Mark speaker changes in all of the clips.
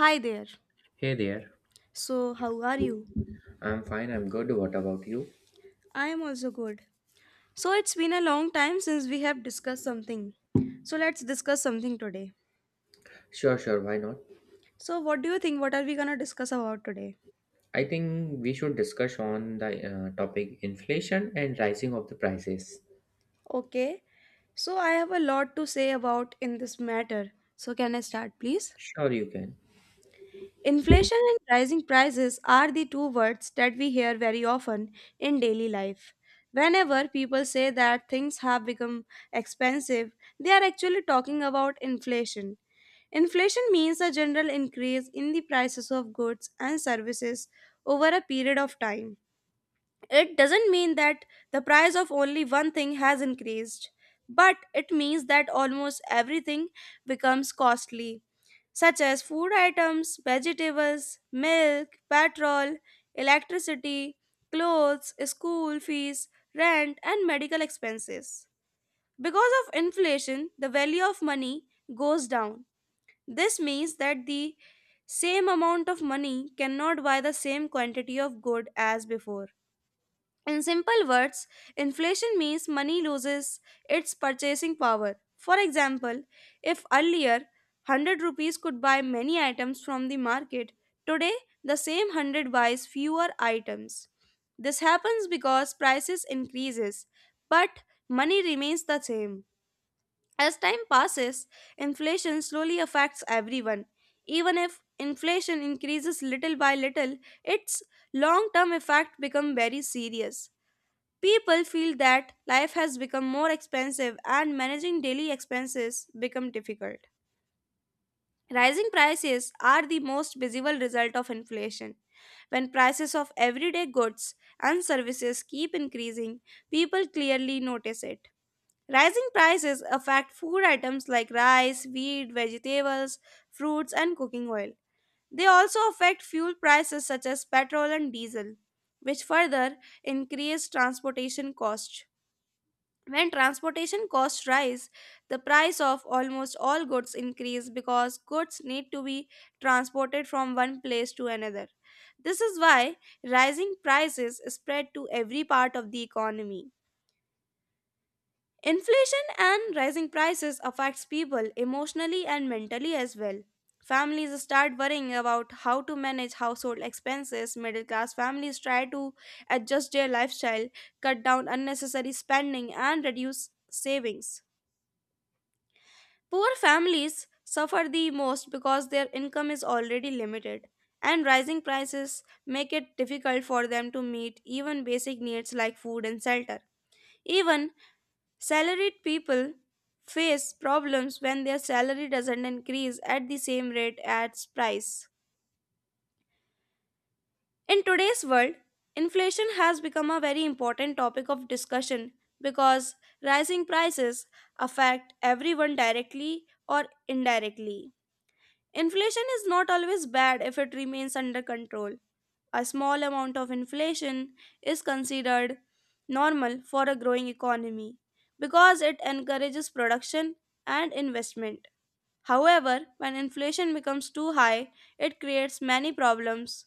Speaker 1: Hi there.
Speaker 2: Hey there.
Speaker 1: So, how are you?
Speaker 2: I'm fine. I'm good. What about you?
Speaker 1: I am also good. So, it's been a long time since we have discussed something. So, let's discuss something today.
Speaker 2: Sure, sure. Why not?
Speaker 1: So, what do you think? What are we gonna discuss about today?
Speaker 2: I think we should discuss on the topic inflation and rising of the prices.
Speaker 1: Okay. So, I have a lot to say about in this matter. So, can I start, please?
Speaker 2: Sure, you can.
Speaker 1: Inflation and rising prices are the two words that we hear very often in daily life. Whenever people say that things have become expensive, they are actually talking about inflation. Inflation means a general increase in the prices of goods and services over a period of time. It doesn't mean that the price of only one thing has increased, but it means that almost everything becomes costly, such as food items, vegetables, milk, petrol, electricity, clothes, school fees, rent, and medical expenses. Because of inflation, the value of money goes down. This means that the same amount of money cannot buy the same quantity of good as before. In simple words, inflation means money loses its purchasing power. For example, if earlier 100 rupees could buy many items from the market, today the same 100 buys fewer items. This happens because prices increases, but money remains the same. As time passes, inflation slowly affects everyone. Even if inflation increases little by little, its long-term effect become very serious. People feel that life has become more expensive and managing daily expenses become difficult. Rising prices are the most visible result of inflation. When prices of everyday goods and services keep increasing, people clearly notice it. Rising prices affect food items like rice, wheat, vegetables, fruits, and cooking oil. They also affect fuel prices such as petrol and diesel, which further increase transportation costs. When transportation costs rise, the price of almost all goods increase because goods need to be transported from one place to another. This is why rising prices spread to every part of the economy. Inflation and rising prices affects people emotionally and mentally as well. Families start worrying about how to manage household expenses. Middle class families try to adjust their lifestyle, cut down unnecessary spending and reduce savings. Poor families suffer the most because their income is already limited, and rising prices make it difficult for them to meet even basic needs like food and shelter. Even salaried people face problems when their salary doesn't increase at the same rate as price. In today's world, inflation has become a very important topic of discussion because rising prices affect everyone directly or indirectly. Inflation is not always bad if it remains under control. A small amount of inflation is considered normal for a growing economy because it encourages production and investment. However, when inflation becomes too high, it creates many problems.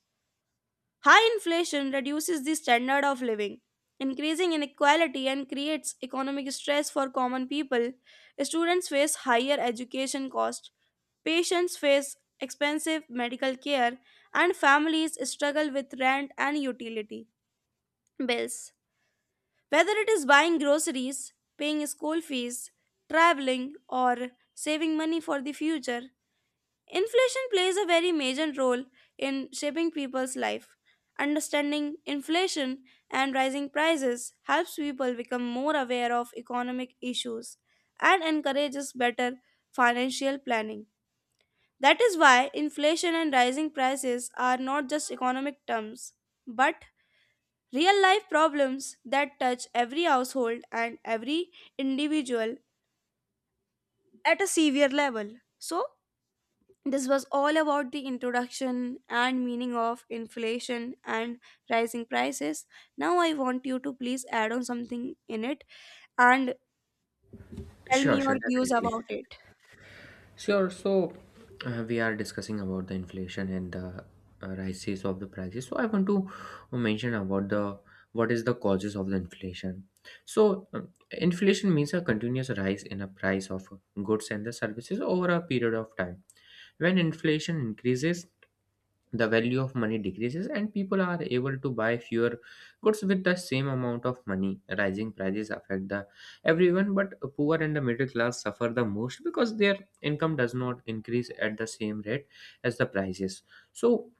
Speaker 1: High inflation reduces the standard of living, increasing inequality, and creates economic stress for common people. Students face higher education costs, patients face expensive medical care, and families struggle with rent and utility bills. Whether it is buying groceries, paying school fees, traveling, or saving money for the future, inflation plays a very major role in shaping people's life. Understanding inflation and rising prices helps people become more aware of economic issues and encourages better financial planning. That is why inflation and rising prices are not just economic terms, but real life problems that touch every household and every individual at a severe level. So, this was all about the introduction and meaning of inflation and rising prices. Now, I want you to please add on something in it and tell me
Speaker 2: Sure,
Speaker 1: your
Speaker 2: sure,
Speaker 1: views
Speaker 2: definitely.
Speaker 1: about it.
Speaker 2: Sure. So, we are discussing about the inflation and the rises of the prices. So, I want to mention about the what is the causes of the inflation. So, inflation means a continuous rise in a price of goods and the services over a period of time. When inflation increases, the value of money decreases and people are able to buy fewer goods with the same amount of money. Rising prices affect the everyone, but poor and the middle class suffer the most because their income does not increase at the same rate as the prices. So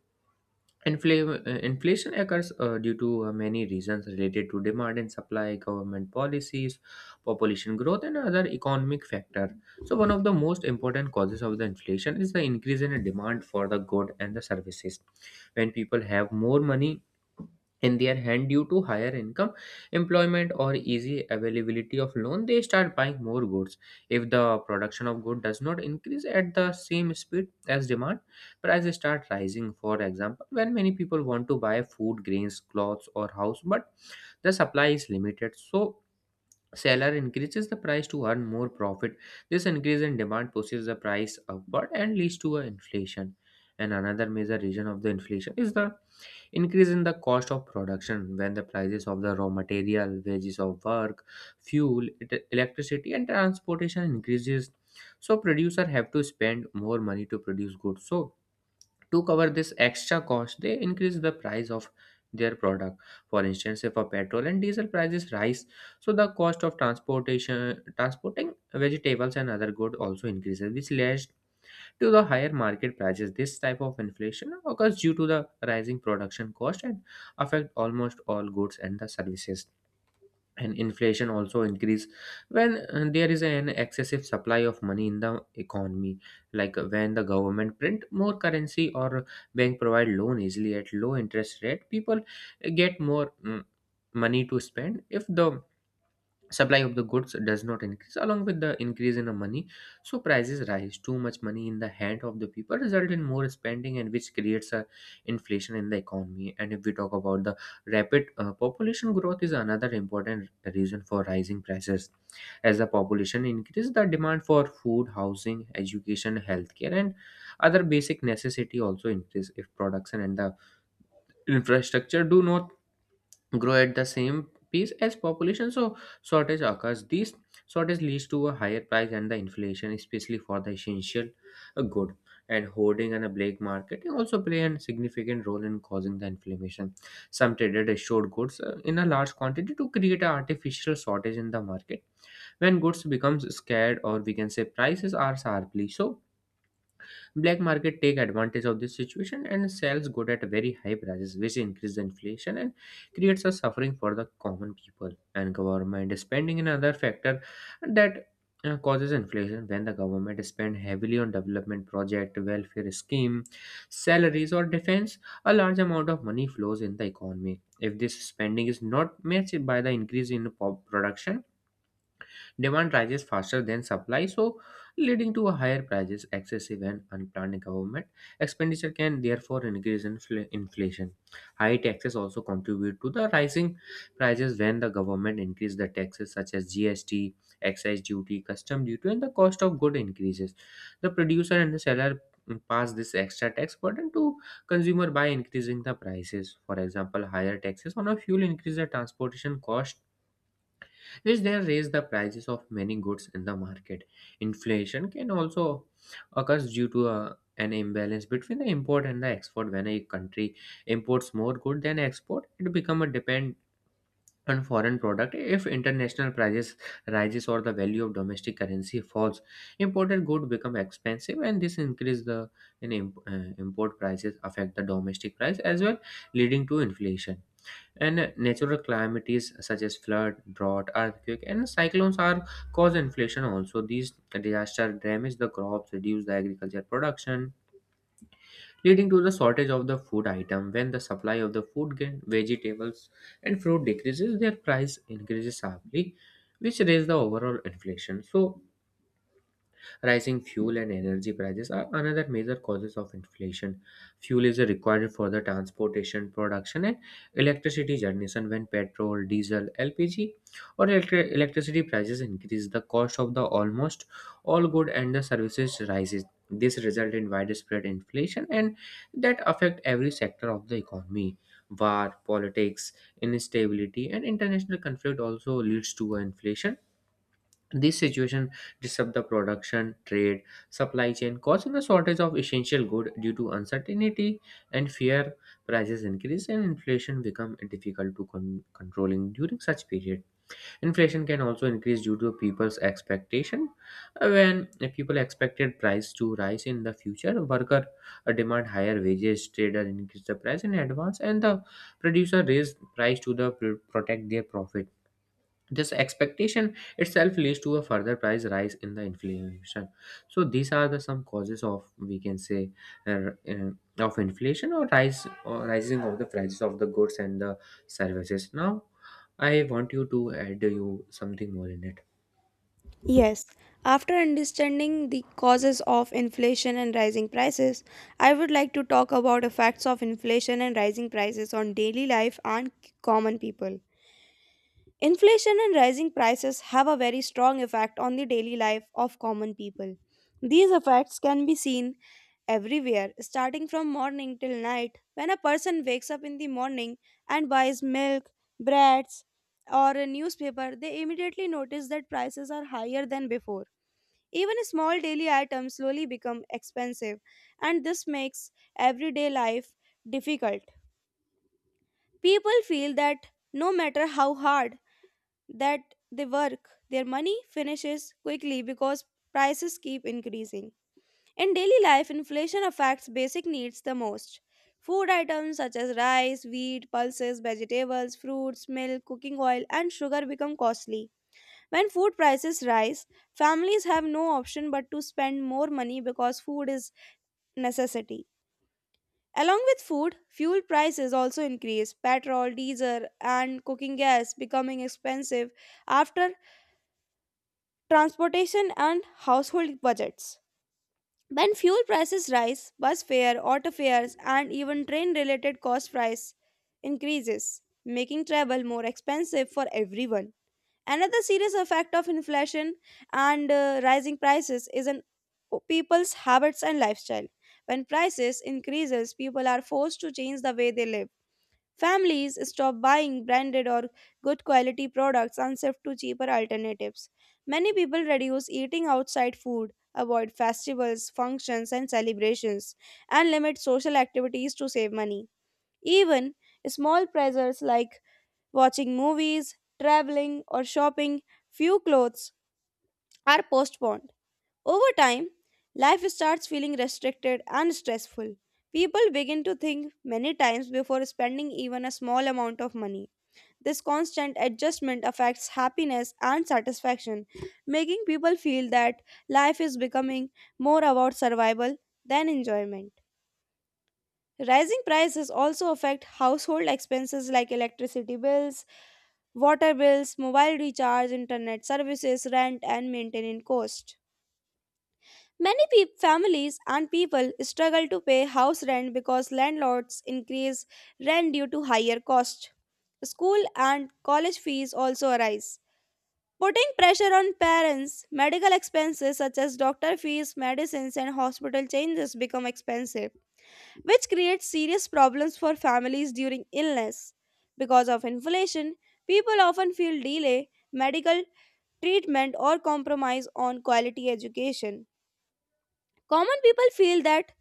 Speaker 2: Inflation occurs due to many reasons related to demand and supply, government policies, population growth, and other economic factor. So, one of the most important causes of the inflation is the increase in the demand for the good and the services. When people have more money in their hand due to higher income, employment, or easy availability of loan, they start buying more goods. If the production of good does not increase at the same speed as demand, prices start rising. For example, when many people want to buy food grains, clothes, or house, but the supply is limited, so seller increases the price to earn more profit. This increase in demand pushes the price upward and leads to a inflation. And another major reason of the inflation is the increase in the cost of production. When the prices of the raw material, wages of work, electricity, and transportation increases, so producer have to spend more money to produce goods. So to cover this extra cost, they increase the price of their product. For instance, if a petrol and diesel prices rise, so the cost of transportation transporting vegetables and other goods also increases, which leads to the higher market prices. This type of inflation occurs due to the rising production cost and affect almost all goods and the services. And inflation also increase when there is an excessive supply of money in the economy, like when the government print more currency or bank provide loan easily at low interest rate, people get more money to spend. If the supply of the goods does not increase along with the increase in the money, so prices rise. Too much money in the hand of the people result in more spending, and which creates a inflation in the economy. And if we talk about the rapid population growth is another important reason for rising prices. As the population increases, the demand for food, housing, education, healthcare, and other basic necessity also increase. If production and the infrastructure do not grow at the same pace as population, so shortage occurs. This shortage leads to a higher price and the inflation, especially for the essential good. And hoarding and a black market also play a significant role in causing the inflammation. Some traders assured goods in a large quantity to create an artificial shortage in the market. When goods becomes scarce or we can say prices are sharply, so black market take advantage of this situation and sells good at very high prices, which increase the inflation and creates a suffering for the common people. And government spending another factor that causes inflation. When the government spend heavily on development project, welfare scheme, salaries or defense, a large amount of money flows in the economy. If this spending is not matched by the increase in production, demand rises faster than supply, so leading to a higher prices. Excessive and unplanned government expenditure can therefore increase inflation. High taxes also contribute to the rising prices. When the government increase the taxes such as GST, excise duty, custom duty, and the cost of good increases. The producer and the seller pass this extra tax burden to consumer by increasing the prices. For example, higher taxes on a fuel increase the transportation cost, which then raise the prices of many goods in the market. Inflation can also occur due to a, an imbalance between the import and the export. When a country imports more good than export, it becomes a depend on foreign product. If international prices rises or the value of domestic currency falls, imported good become expensive, and this increase the import prices affect the domestic price as well, leading to inflation. And natural calamities such as flood, drought, earthquake, and cyclones are cause inflation also. These disasters damage the crops, reduce the agriculture production, leading to the shortage of the food item. When the supply of the food, grain, vegetables, and fruit decreases, their price increases sharply, which raise the overall inflation. So rising fuel and energy prices are another major causes of inflation. Fuel is required for the transportation, production, and electricity generation. When petrol, diesel, LPG, or electricity prices increase, the cost of the almost all good and the services rises. This result in widespread inflation and that affect every sector of the economy. War, politics, instability, and international conflict also leads to inflation. This situation disrupts the production, trade, supply chain, causing a shortage of essential goods due to uncertainty and fear. Prices increase and inflation become difficult to controlling during such period. Inflation can also increase due to people's expectation. When people expected price to rise in the future, worker demand higher wages, trader increase the price in advance, and the producer raise price to the protect their profit. This expectation itself leads to a further price rise in the inflation. So these are the some causes of, we can say, uh, uh, of inflation or rise or rising of the prices of the goods and the services. Now I want you to add you something more in it.
Speaker 1: Yes, after understanding the causes of inflation and rising prices, I would like to talk about effects of inflation and rising prices on daily life and common people. Inflation and rising prices have a very strong effect on the daily life of common people. These effects can be seen everywhere, starting from morning till night. When a person wakes up in the morning and buys milk, breads, or a newspaper, they immediately notice that prices are higher than before. Even small daily items slowly become expensive, and this makes everyday life difficult. People feel that no matter how hard that they work, their money finishes quickly because prices keep increasing. In daily life, inflation affects basic needs the most. Food items such as rice, wheat, pulses, vegetables, fruits, milk, cooking oil, and sugar become costly. When food prices rise, families have no option but to spend more money because food is necessity. Along with food, fuel prices also increase. Petrol, diesel, and cooking gas becoming expensive after transportation, and household budgets. When fuel prices rise, bus fare, auto fares, and even train related cost price increases, making travel more expensive for everyone. Another serious effect of inflation and rising prices is on people's habits and lifestyle. When prices increases, people are forced to change the way they live. Families stop buying branded or good quality products and shift to cheaper alternatives. Many people reduce eating outside food, avoid festivals, functions, and celebrations, and limit social activities to save money. Even small pleasures like watching movies, traveling, or shopping few clothes are postponed. Over time, life starts feeling restricted and stressful. People begin to think many times before spending even a small amount of money. This constant adjustment affects happiness and satisfaction, making people feel that life is becoming more about survival than enjoyment. Rising prices also affect household expenses like electricity bills, water bills, mobile recharge, internet services, rent, and maintenance cost. Many peop families and people struggle to pay house rent because landlords increase rent due to higher cost. School and college fees also arise. Putting pressure on parents, medical expenses such as doctor fees, medicines, and hospital changes become expensive, which creates serious problems for families during illness. Because of inflation, people often feel delay, medical treatment, or compromise on quality education. Common people feel that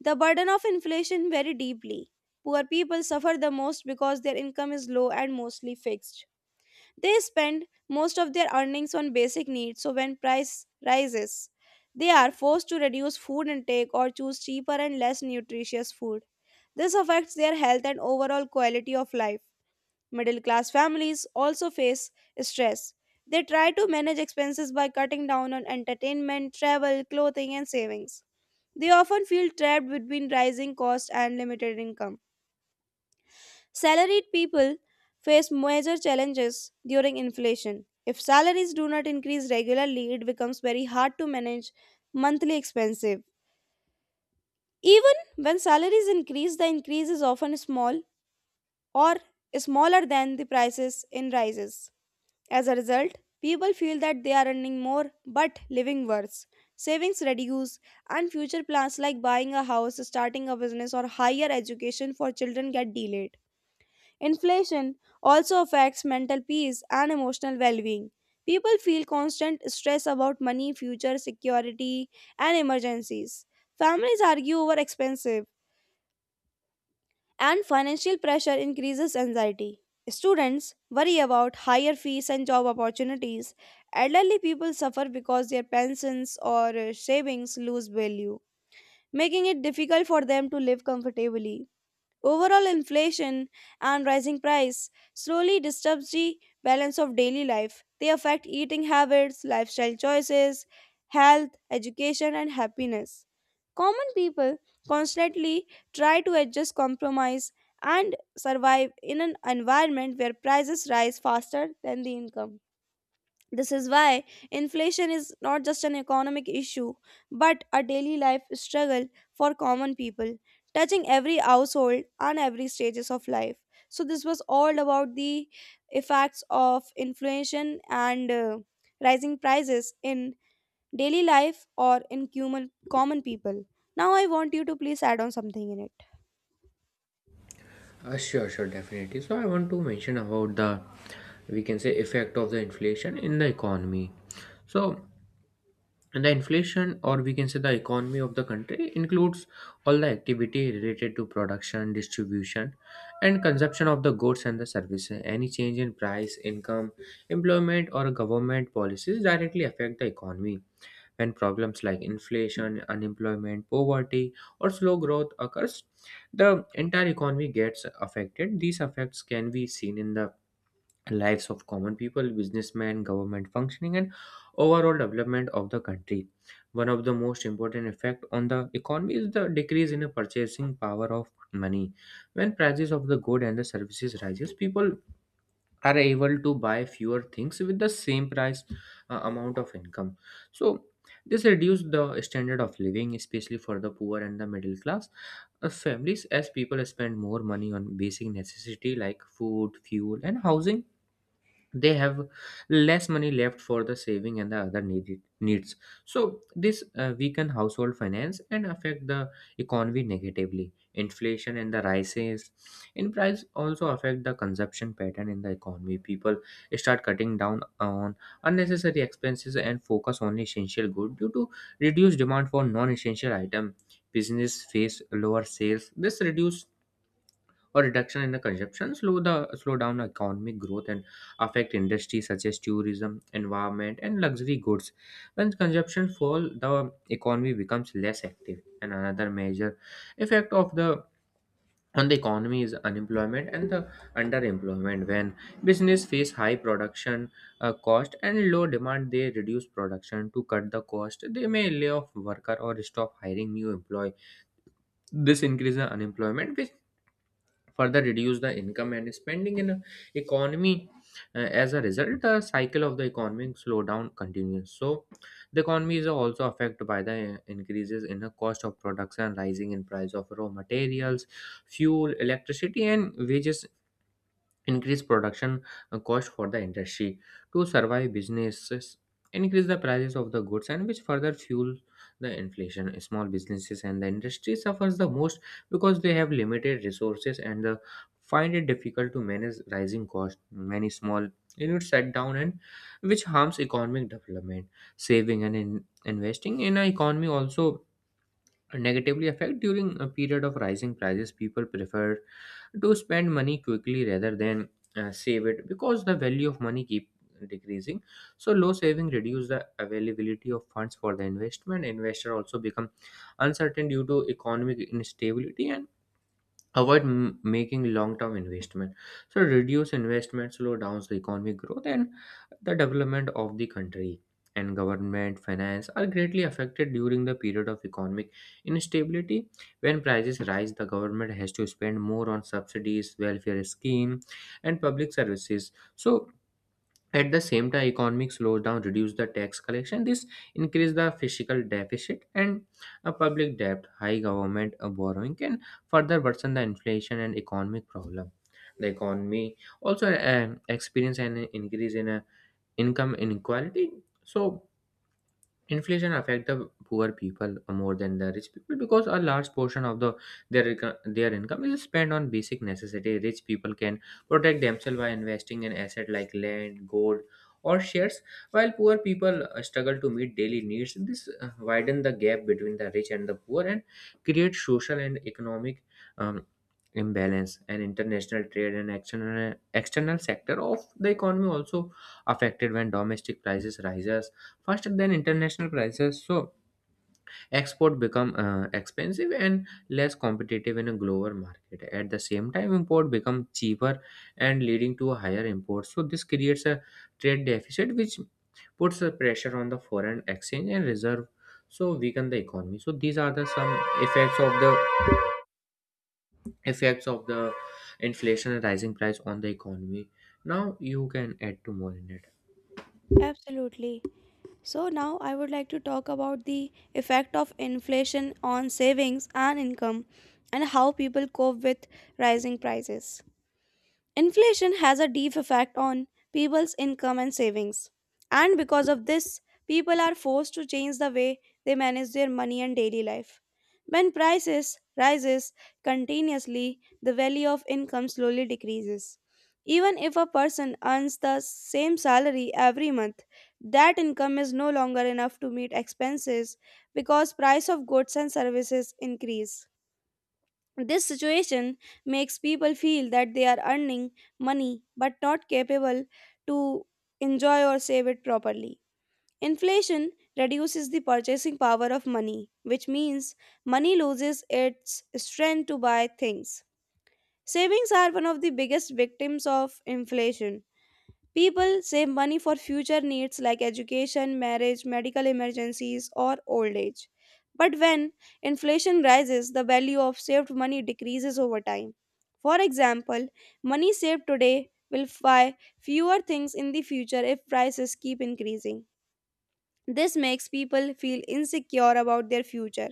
Speaker 1: the burden of inflation very deeply. Poor people suffer the most because their income is low and mostly fixed. They spend most of their earnings on basic needs, so when price rises, they are forced to reduce food intake or choose cheaper and less nutritious food. This affects their health and overall quality of life. Middle class families also face stress. They try to manage expenses by cutting down on entertainment, travel, clothing, and savings. They often feel trapped between rising costs and limited income. Salaried people face major challenges during inflation. If salaries do not increase regularly, it becomes very hard to manage monthly expenses. Even when salaries increase, the increase is often small or smaller than the prices in rises. As a result, people feel that they are earning more but living worse. Savings reduce, and future plans like buying a house, starting a business, or higher education for children get delayed. Inflation also affects mental peace and emotional well being. People feel constant stress about money, future security, and emergencies. Families argue over expensive, and financial pressure increases anxiety. Students worry about higher fees and job opportunities. Elderly people suffer because their pensions or savings lose value, making it difficult for them to live comfortably. Overall inflation and rising price slowly disturbs the balance of daily life. They affect eating habits, lifestyle choices, health, education and happiness. Common people constantly try to adjust compromise and survive in an environment where prices rise faster than the income. This is why inflation is not just an economic issue, but a daily life struggle for common people, touching every household and every stages of life. So this was all about the effects of inflation and rising prices in daily life or in human common people. Now I want you to please add on something in it.
Speaker 2: Sure, sure, definitely. So I want to mention about the, we can say, effect of the inflation in the economy. So and the inflation, or we can say the economy of the country, includes all the activity related to production, distribution, and consumption of the goods and the services. Any change in price, income, employment, or government policies directly affect the economy. When problems like inflation, unemployment, poverty, or slow growth occurs, the entire economy gets affected. These effects can be seen in the lives of common people, businessmen, government functioning, and overall development of the country. One of the most important effect on the economy is the decrease in the purchasing power of money. When prices of the good and the services rises, people are able to buy fewer things with the same price amount of income. So this reduces the standard of living, especially for the poor and the middle class families. As people spend more money on basic necessity like food, fuel, and housing, they have less money left for the saving and the other needed needs. So this weaken household finance and affect the economy negatively. Inflation and the rises in price also affect the consumption pattern in the economy. People start cutting down on unnecessary expenses and focus on essential goods. Due to reduced demand for non-essential item, business face lower sales. This reduce or reduction in the consumption slow down economic growth and affect industries such as tourism, environment, and luxury goods. When consumption fall, the economy becomes less active. And another major effect of the on the economy is unemployment and the underemployment. When business face high production cost and low demand, they reduce production to cut the cost. They may lay off worker or stop hiring new employee. This increases the unemployment, which further reduce the income and spending in a economy. As a result, the cycle of the economic slowdown continues. So the economy is also affected by the increases in the cost of production. Rising in price of raw materials, fuel, electricity, and wages increase production cost for the industry. To survive, businesses increase the prices of the goods, and which further fuel the inflation. Small businesses and the industry suffers the most because they have limited resources and find it difficult to manage rising costs. Many small units shut down, and which harms economic development. Saving and investing in an economy also negatively affect. During a period of rising prices, people prefer to spend money quickly rather than save it, because the value of money keep decreasing. So low saving reduce the availability of funds for the investment. Investor also become uncertain due to economic instability and avoid making long-term investment. So reduce investment slow down the economic growth and the development of the country. And government finance are greatly affected during the period of economic instability. When prices Rise, the government has to spend more on subsidies, welfare scheme, and public services. So at the same time, economic slowdown reduced the tax collection. This increased the fiscal deficit and public debt. High government borrowing can further worsen the inflation and economic problem. The economy also experienced an increase in income inequality. So inflation affect the poor people more than the rich people because a large portion of the their income is spent on basic necessity. Rich people can protect themselves by investing in asset like land, gold, or shares, while poor people struggle to meet daily needs. This widen the gap between the rich and the poor and create social and economic um, imbalance. And international trade and external sector of the economy also affected when domestic prices rise faster than international prices. So export become expensive and less competitive in a global market. At the same time, import become cheaper and leading to a higher import. So this creates a trade deficit which puts a pressure on the foreign exchange and reserve, so weaken the economy. So these are the some effects of the effects of the inflation and rising price on the economy. Now you can add to more in it.
Speaker 1: Absolutely. So now I would like to talk about the effect of inflation on savings and income and how people cope with rising prices. Inflation has a deep effect on people's income and savings. And because of this, people are forced to change the way they manage their money and daily life. When prices rises continuously, the value of income slowly decreases. Even if a person earns the same salary every month, that income is no longer enough to meet expenses because price of goods and services increase. This situation makes people feel that they are earning money but not capable to enjoy or save it properly. Inflation reduces the purchasing power of money, which means money loses its strength to buy things. Savings are one of the biggest victims of inflation. People save money for future needs like education, marriage, medical emergencies, or old age. But when inflation rises, the value of saved money decreases over time. For example, money saved today will buy fewer things in the future if prices keep increasing. This makes people feel insecure about their future.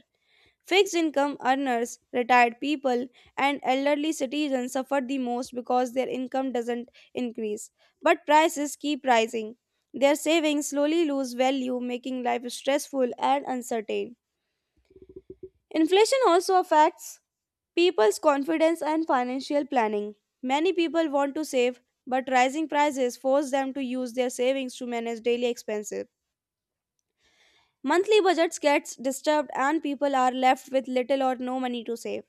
Speaker 1: Fixed income earners, retired people, and elderly citizens suffer the most because their income doesn't increase. But prices keep rising. Their savings slowly lose value, making life stressful and uncertain. Inflation also affects people's confidence and financial planning. Many people want to save, but rising prices force them to use their savings to manage daily expenses. Monthly budgets get disturbed and people are left with little or no money to save.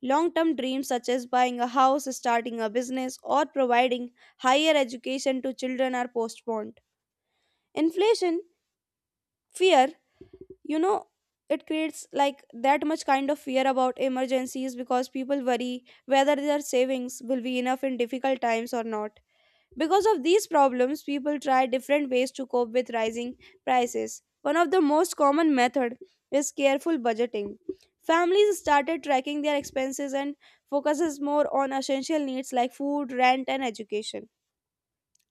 Speaker 1: Long term dreams, such as buying a house, starting a business, or providing higher education to children, are postponed. Inflation, fear, you know, it creates like that much kind of fear about emergencies because people worry whether their savings will be enough in difficult times or not. Because of these problems, people try different ways to cope with rising prices. One of the most common method is careful budgeting. Families started tracking their expenses and focuses more on essential needs like food, rent and education.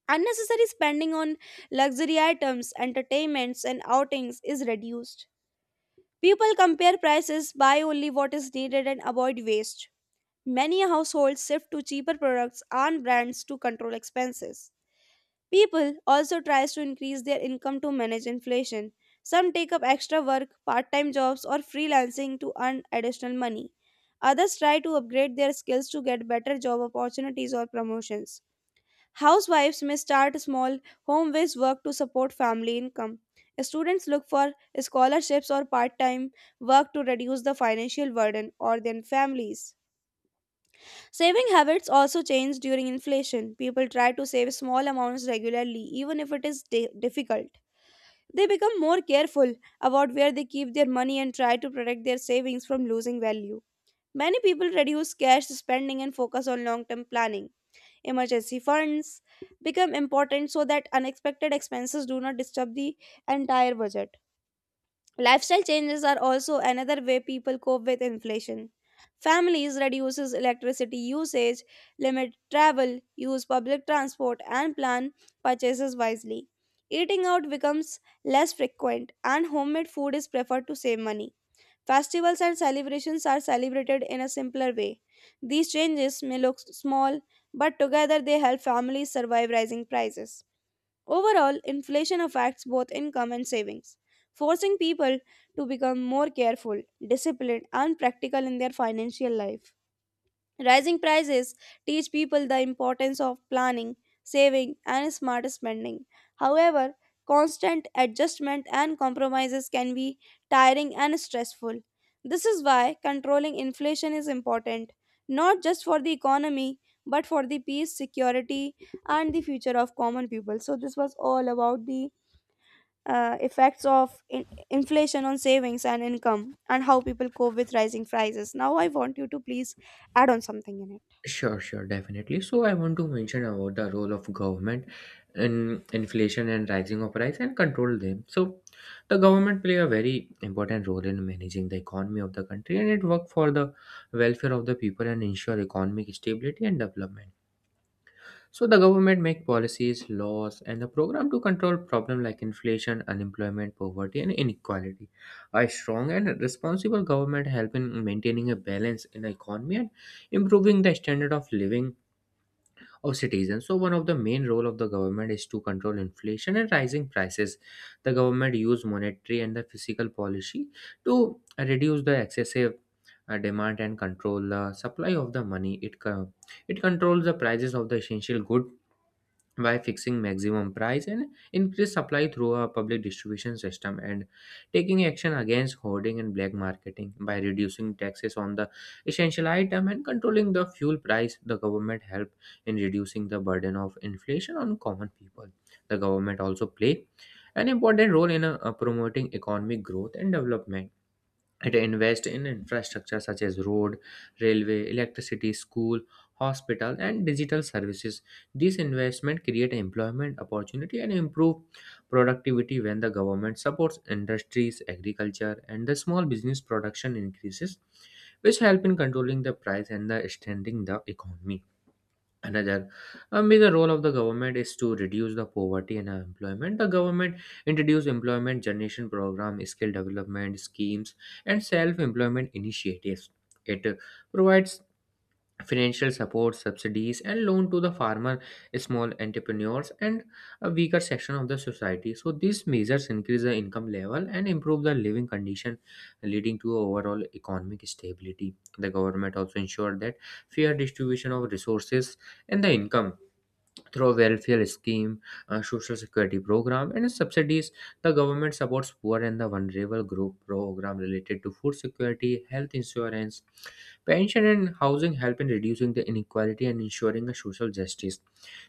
Speaker 1: Unnecessary spending on luxury items, entertainments and outings is reduced. People compare prices, buy only what is needed and avoid waste. Many households shift to cheaper products and brands to control expenses. People also tries to increase their income to manage inflation. Some take up extra work, part-time jobs or freelancing to earn additional money. Others try to upgrade their skills to get better job opportunities or promotions. Housewives may start small home-based work to support family income. Students look for scholarships or part-time work to reduce the financial burden on their families. Saving habits also change during inflation. People try to save small amounts regularly, even if it is difficult. They become more careful about where they keep their money and try to protect their savings from losing value. Many people reduce cash spending and focus on long term planning. Emergency funds become important so that unexpected expenses do not disturb the entire budget. Lifestyle changes are also another way people cope with inflation. Families reduces electricity usage, limit travel, use public transport and plan purchases wisely. Eating out becomes less frequent and homemade food is preferred to save money. Festivals and celebrations are celebrated in a simpler way. These changes may look small, but together they help families survive rising prices. Overall, inflation affects both income and savings, forcing people to become more careful, disciplined, and practical in their financial life. Rising prices teach people the importance of planning, saving, and smart spending. However, constant adjustment and compromises can be tiring and stressful. This is why controlling inflation is important, not just for the economy, but for the peace, security, and the future of common people. So, this was all about the effects of inflation on savings and income and how people cope with rising prices. Now, I want you to please add on something in it.
Speaker 2: Sure, sure, definitely. So I want to mention about the role of government in inflation and rising of price and control them. So the government play a very important role in managing the economy of the country, and it work for the welfare of the people and ensure economic stability and development. So the government make policies, laws, and the program to control problem like inflation, unemployment, poverty, and inequality. A strong and responsible government help in maintaining a balance in the economy and improving the standard of living of citizens. So one of the main role of the government is to control inflation and rising prices. The government use monetary and the fiscal policy to reduce the excessive demand and control the supply of the money. It controls the prices of the essential good by fixing maximum price and increase supply through a public distribution system and taking action against hoarding and black marketing. By reducing taxes on the essential item and controlling the fuel price, the government helped in reducing the burden of inflation on common people. The government also play an important role in promoting economic growth and development. It invests in infrastructure such as road, railway, electricity, school, hospital, and digital services. These investment create employment opportunity and improve productivity. When the government supports industries, agriculture, and the small business, production increases, which help in controlling the price and the strengthening the economy. Another A major role of the government is to reduce the poverty and unemployment. The government introduced employment generation program, skill development schemes, and self-employment initiatives. It provides financial support, subsidies, and loan to the farmer, small entrepreneurs, and a weaker section of the society. So these measures increase the income level and improve the living condition, leading to overall economic stability. The government also ensured that fair distribution of resources and the income through a welfare scheme, a social security program, and subsidies. The government supports poor and the vulnerable group. Program related to food security, health insurance, pension, and housing help in reducing the inequality and ensuring a social justice.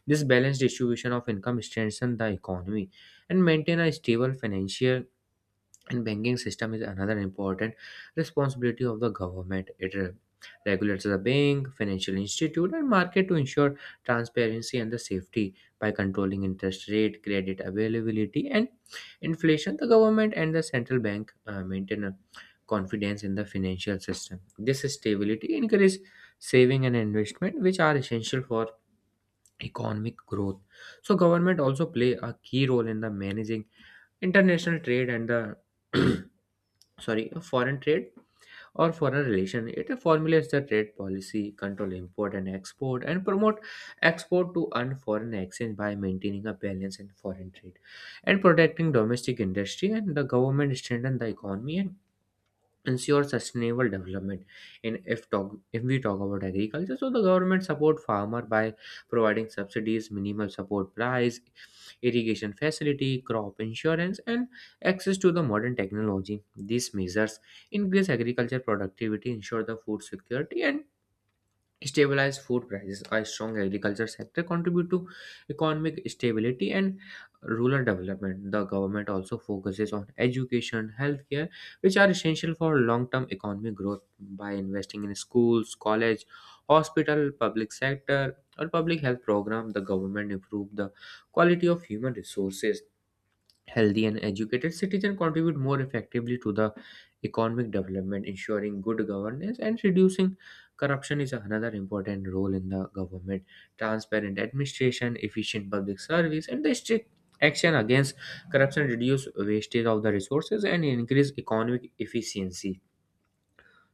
Speaker 2: This balanced distribution of income strengthens the economy. And maintain a stable financial and banking system is another important responsibility of the government. Regulates the bank, financial institute, and market to ensure transparency and the safety. By controlling interest rate, credit availability, and inflation, the government and the central bank maintain a confidence in the financial system. This stability encourages saving and investment, which are essential for economic growth. So government also play a key role in the managing international trade and the sorry, a foreign trade or foreign relation. It formulates the trade policy, control import and export, and promote export to and foreign exchange by maintaining a balance in foreign trade and protecting domestic industry and the government strengthen the economy and ensure sustainable development. And if we talk about agriculture, so the government support farmer by providing subsidies, minimal support price, irrigation facility, crop insurance, and access to the modern technology. These measures increase agriculture productivity, ensure the food security, and stabilized food prices. A strong agriculture sector contribute to economic stability and rural development. The government also focuses on education, healthcare, which are essential for long-term economic growth. By investing in schools, college, hospital, public sector, or public health program, the government improve the quality of human resources. Healthy and educated citizens contribute more effectively to the economic development. Ensuring good governance and reducing corruption is another important role in the government. Transparent administration, efficient public service, and the strict action against corruption reduce wastage of the resources and increase economic efficiency.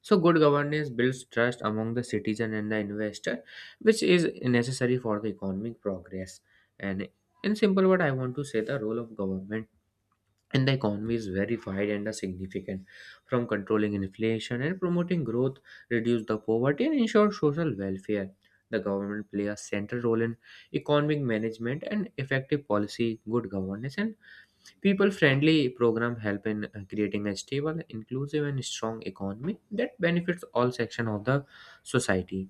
Speaker 2: So, good governance builds trust among the citizen and the investor, which is necessary for the economic progress. And in simple word, I want to say the role of government and the economy is very wide and are significant. From controlling inflation and promoting growth, reduce the poverty, and ensure social welfare, the government play a central role in economic management. And effective policy, good governance, and people friendly program help in creating a stable, inclusive, and strong economy that benefits all sections of the society.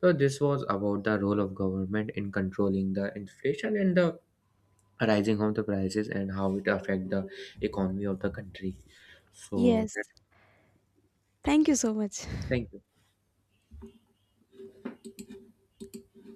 Speaker 2: So this was about the role of government in controlling the inflation and the rising of the prices and how it affect the economy of the country. So
Speaker 1: Yes.
Speaker 2: that,
Speaker 1: Thank you so much.
Speaker 2: thank you.